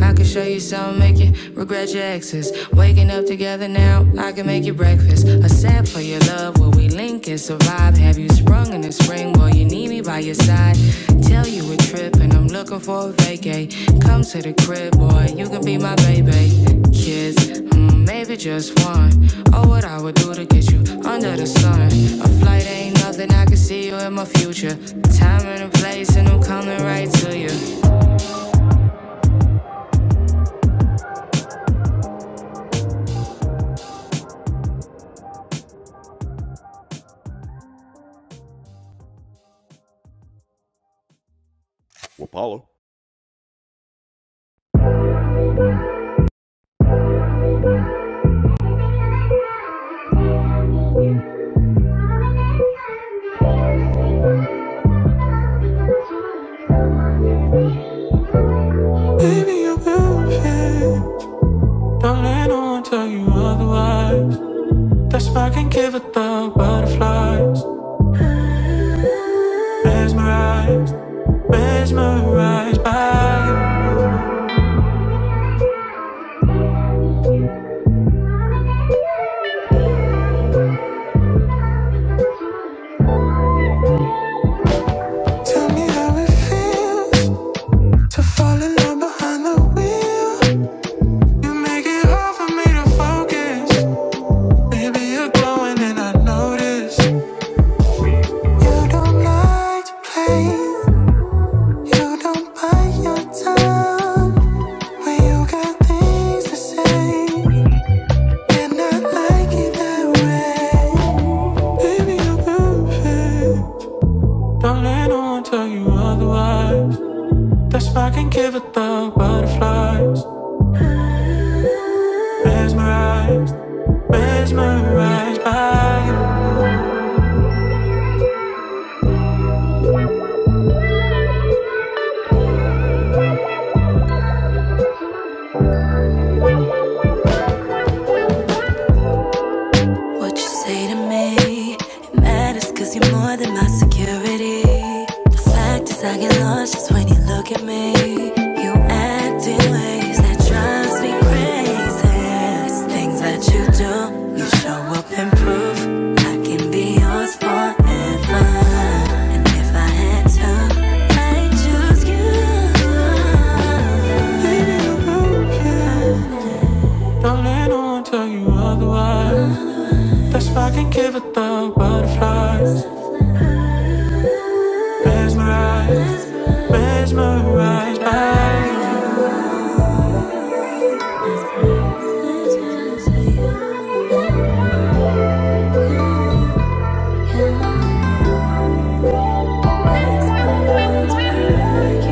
Speaker 2: I can show you some, make you regret your exes. Waking up together now, I can make you breakfast. A sap for your love, where we link and survive. Have you sprung in the spring, boy? You need me by your side. Tell you a trip, and I'm looking for a vacay. Come to the crib, boy, you my baby. Kids, hmm, all I would do to get you under the sun. Nothing I can do in my future, right to you. Baby, you're perfect. Don't let no one tell you otherwise. That spark can give a thug butterflies. Mesmerized, mesmerized by you. Tell me how it feels to fall in love behind the wheel. You make it hard for me to focus. Maybe you're glowing and I notice. That spark can give a thug butterflies. What you say to me, it matters cause you're more than my security. The fact is, I get lost just when you look at me. You act in ways that drives me crazy. It's things that you do, you show up and prove I can be yours forever. And if I had to, I'd choose you. Don't let no one tell you otherwise. If I can give it the butterflies, mesmerized by you. Mesmerized by you.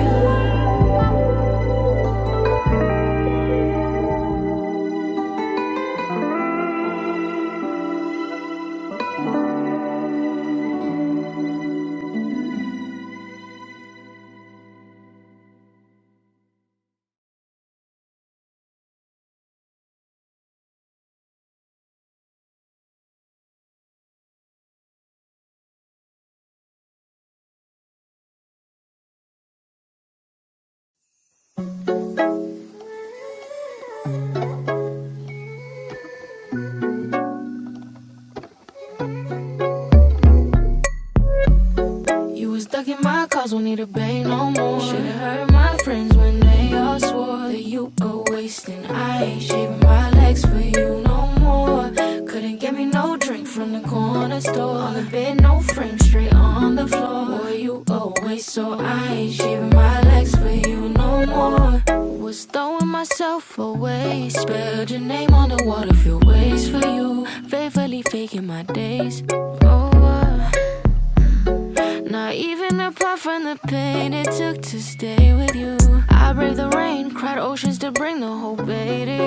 Speaker 2: You was ducking my calls, won't need a bang no more. Should've heard my friends when they all swore that you were wasting. I ain't shaving my legs for you no more. Couldn't get me no drink from the corner store. On the bed, no frame, straight on the floor. Boy, you always so I ain't shaving my legs for you no more. Was throwing myself away. Spelled your name on the water, feel ways for you. Faithfully faking my days. Oh, uh, not even apart from the pain it took to stay with you. I braved the rain, cried oceans to bring the whole bay to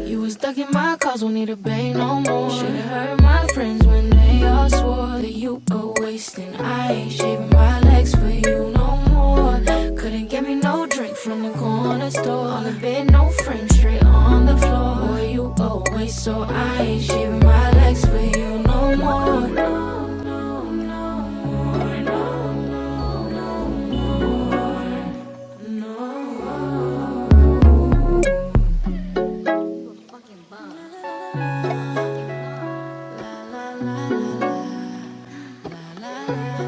Speaker 2: you. You was stuck in my cause, won't need a bay no more. Should've heard my friends when they all swore that you were wasting. I ain't shaving my I legs for you no more. Couldn't get me no drink from the corner store. On the bed, no frame, straight on the floor. Boy, you always so I ain't shaving my legs for you no more. No, no, no more. No, no, no more. No. La, la, la, la, la, la.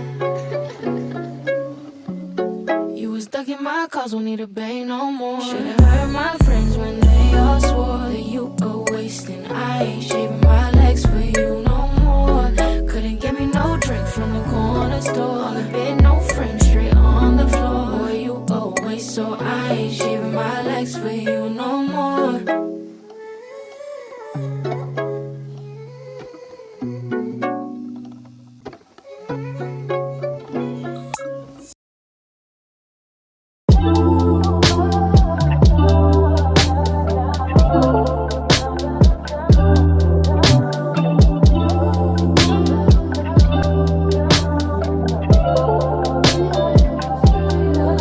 Speaker 2: You was ducking my calls, won't need to bang no more. Should've heard my friends when they all swore that you were wasting. I ain't shaving my legs for you no more. Couldn't get me no drink from the corner store. all the bed, no frame, straight on the floor. Boy, you were waste, so I ain't shaving my legs for you no more.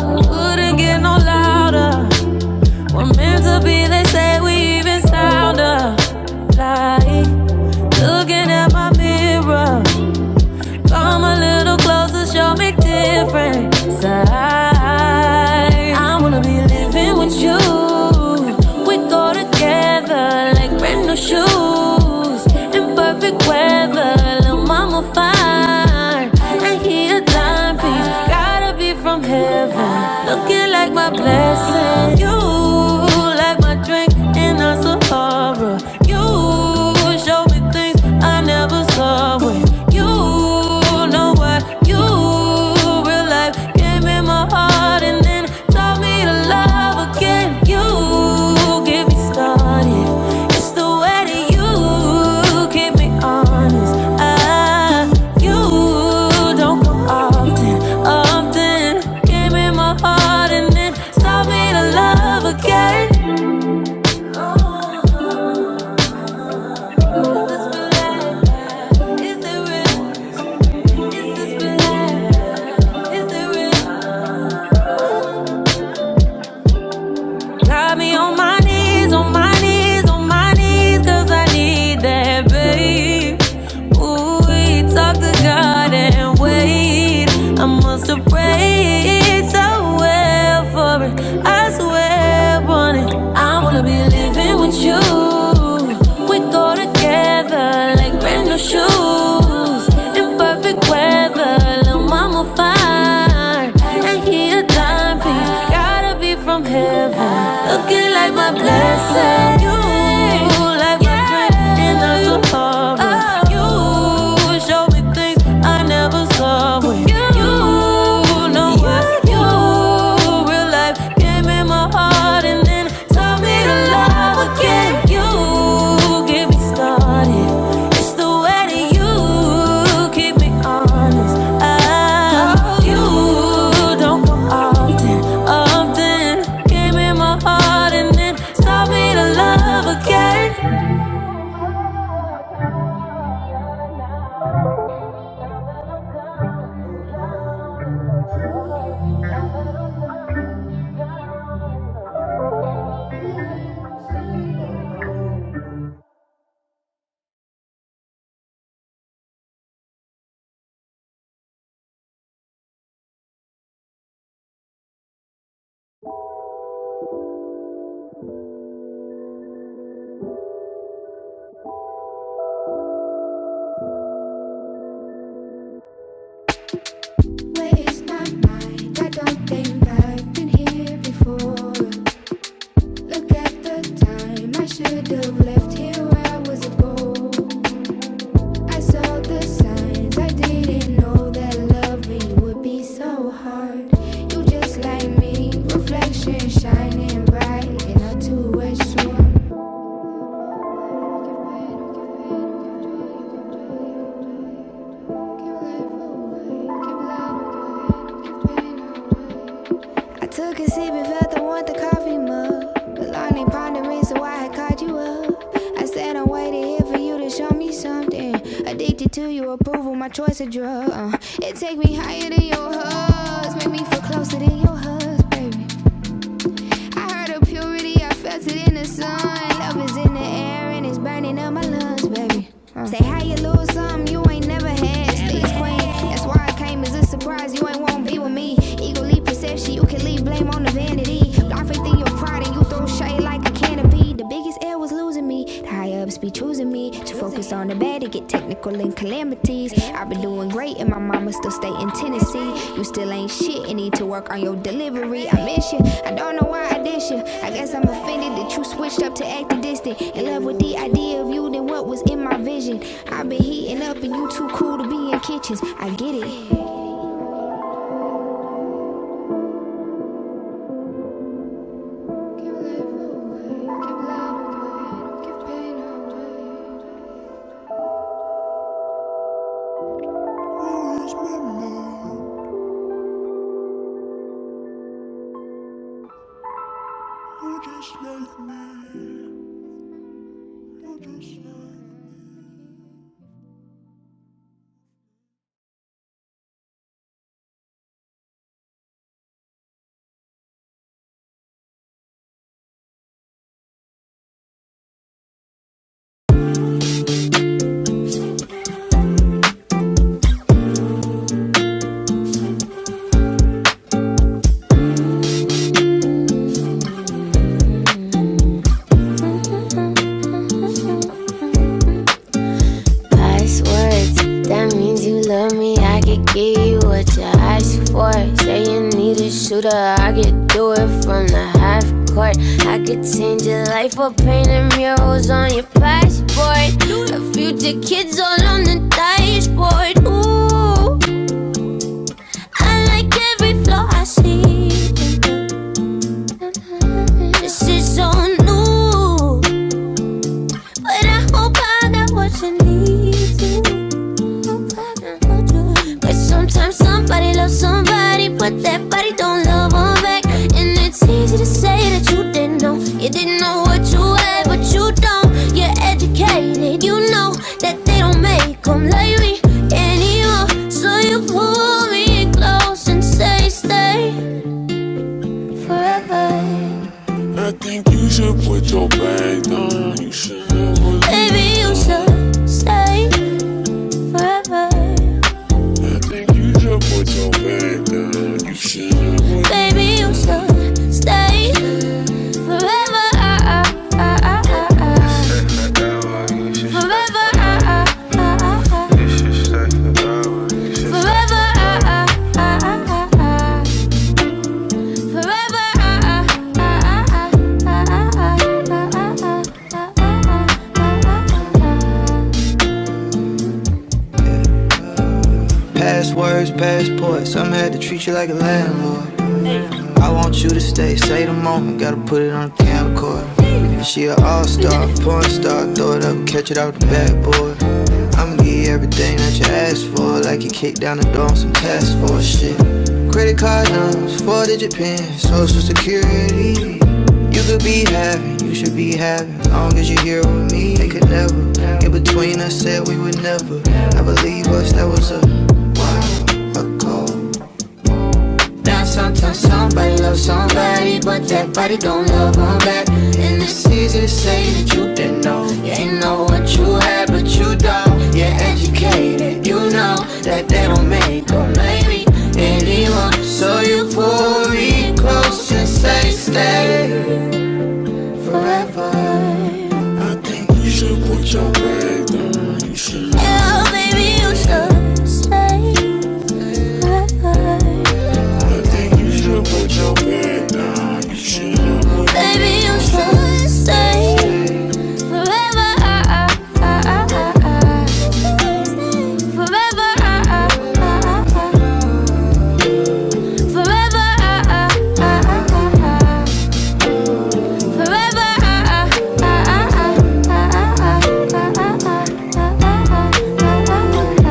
Speaker 2: Wouldn't get no louder. We're meant to be, they say we even sounder. Like looking at my mirror. Come a little closer, show me different sides. I wanna be living with you. We go together like brand new shoes. In perfect weather, little mama fine. And he a dime piece, gotta be from heaven. Looking like my blessing. You like my drink in a Sahara. You you show me things I never saw when you know what you real life gave me my heart and then taught me to love again. You get me started. It's the way that you keep me honest. I, you don't go often, often. Gave me my heart and then taught me to love again. Got me on my knees, on my knees, on my knees, cause I need that, babe. Ooh, we talk to God and wait. I must have prayed so well for it. I swear on it. I wanna be living with you. We go together like brand new shoes in perfect weather. Lil' mama fine, and he a dime piece. Gotta be from heaven, looking like my blessing. You like my drink am so Sahara. You show me things I never saw. When you know what you real life. Gave me my heart and then taught me to love again. You get me started. It's the way that you keep me honest. Ah, you don't come often, often. Gave me my heart and then taught me to love again. Waste my mind. I don't think I've been here before. Look at the time. I should have left here hours ago. I saw the signs. I didn't know that loving would be so hard. You just like me, reflection shining bright in a two-way storm. Keep life away, keep light away, keep pain away. I took a sip and felt I want the coffee mug. The lonely pondering so I had caught you up. I said I'm waiting here for you to show me something. Addicted to your approval, my choice of drug. Uh, it take me higher than your hugs, make me feel closer than your hugs, baby. I heard of purity, I felt it in the sun. Love is in the air and it's burning up my lungs, baby. Uh. Say how you lose something you ain't never had. Stays queen, that's why I came as a surprise. You ain't won't be with me. Eagerly perception, you can leave blame on the vanity. Block faith in your pride and you throw shade like a canopy. The biggest L was losing me. The high ups be choosing me me to focus on the bad and get technical in calamities. I've been doing great and my mama still stay in Tennessee. You still ain't shit and need to work on your delivery. I miss you. I don't know why I diss you. I guess I'm offended that you switched up to acting distant. In love with the idea of you than what was in my vision. I've been heating up and you too cool to be in kitchens. I get it. Nice words, that means you love me. I could give you what you asked for. Say you need a shooter, I could do it from the half court. I could change your life or painting murals on your passport. The future kids all on the dashboard. Ooh, I like every flaw I see. This is so new, but I hope I got what you need. to. But sometimes somebody loves somebody, but that body don't love 'em back. And it's easy to say that you didn't know. You didn't know what you had, but you don't. You're educated, you know that they don't make 'em like me anymore. So you pull me close and say, stay forever. Baby, you should stay forever. Baby, you should stay forever. ah, ah, ah, ah, ah, ah. Forever. ah, ah, ah, ah, ah. Forever. ah, ah, ah, ah, ah, ah. Forever. ah, ah, ah, ah, ah, ah, ah, ah, ah, ah, ah, ah, ah, ah, ah. Past words, past points, Some had to treat you like a lamb. I want you to stay, say the moment, gotta put it on the camcorder. She a all star, porn star, throw it up, catch it out the backboard. I'ma give you everything that you asked for, like you kicked down the door on some task force shit. Credit card numbers, four digit pin, social security. You could be having, you should be having, long as you're here with me. They could never, in between us, said we would never. I believe us, that was a call. Down sometimes somebody loves somebody, but that body don't love them back. And it's easy to say that you didn't know. You ain't know what you had, but you don't. You're educated, you know that they don't make them. So you pull me close, stay. Yeah, baby, you should stay. Baby, you should stay forever. ah, ah, ah, ah, ah. Forever, ah, ah, ah, ah, ah. Forever, ah, ah, ah, ah, ah, ah. Forever, ah, ah, ah, ah, ah, ah, ah, ah, ah, ah, ah, ah, ah, ah, ah, ah, ah.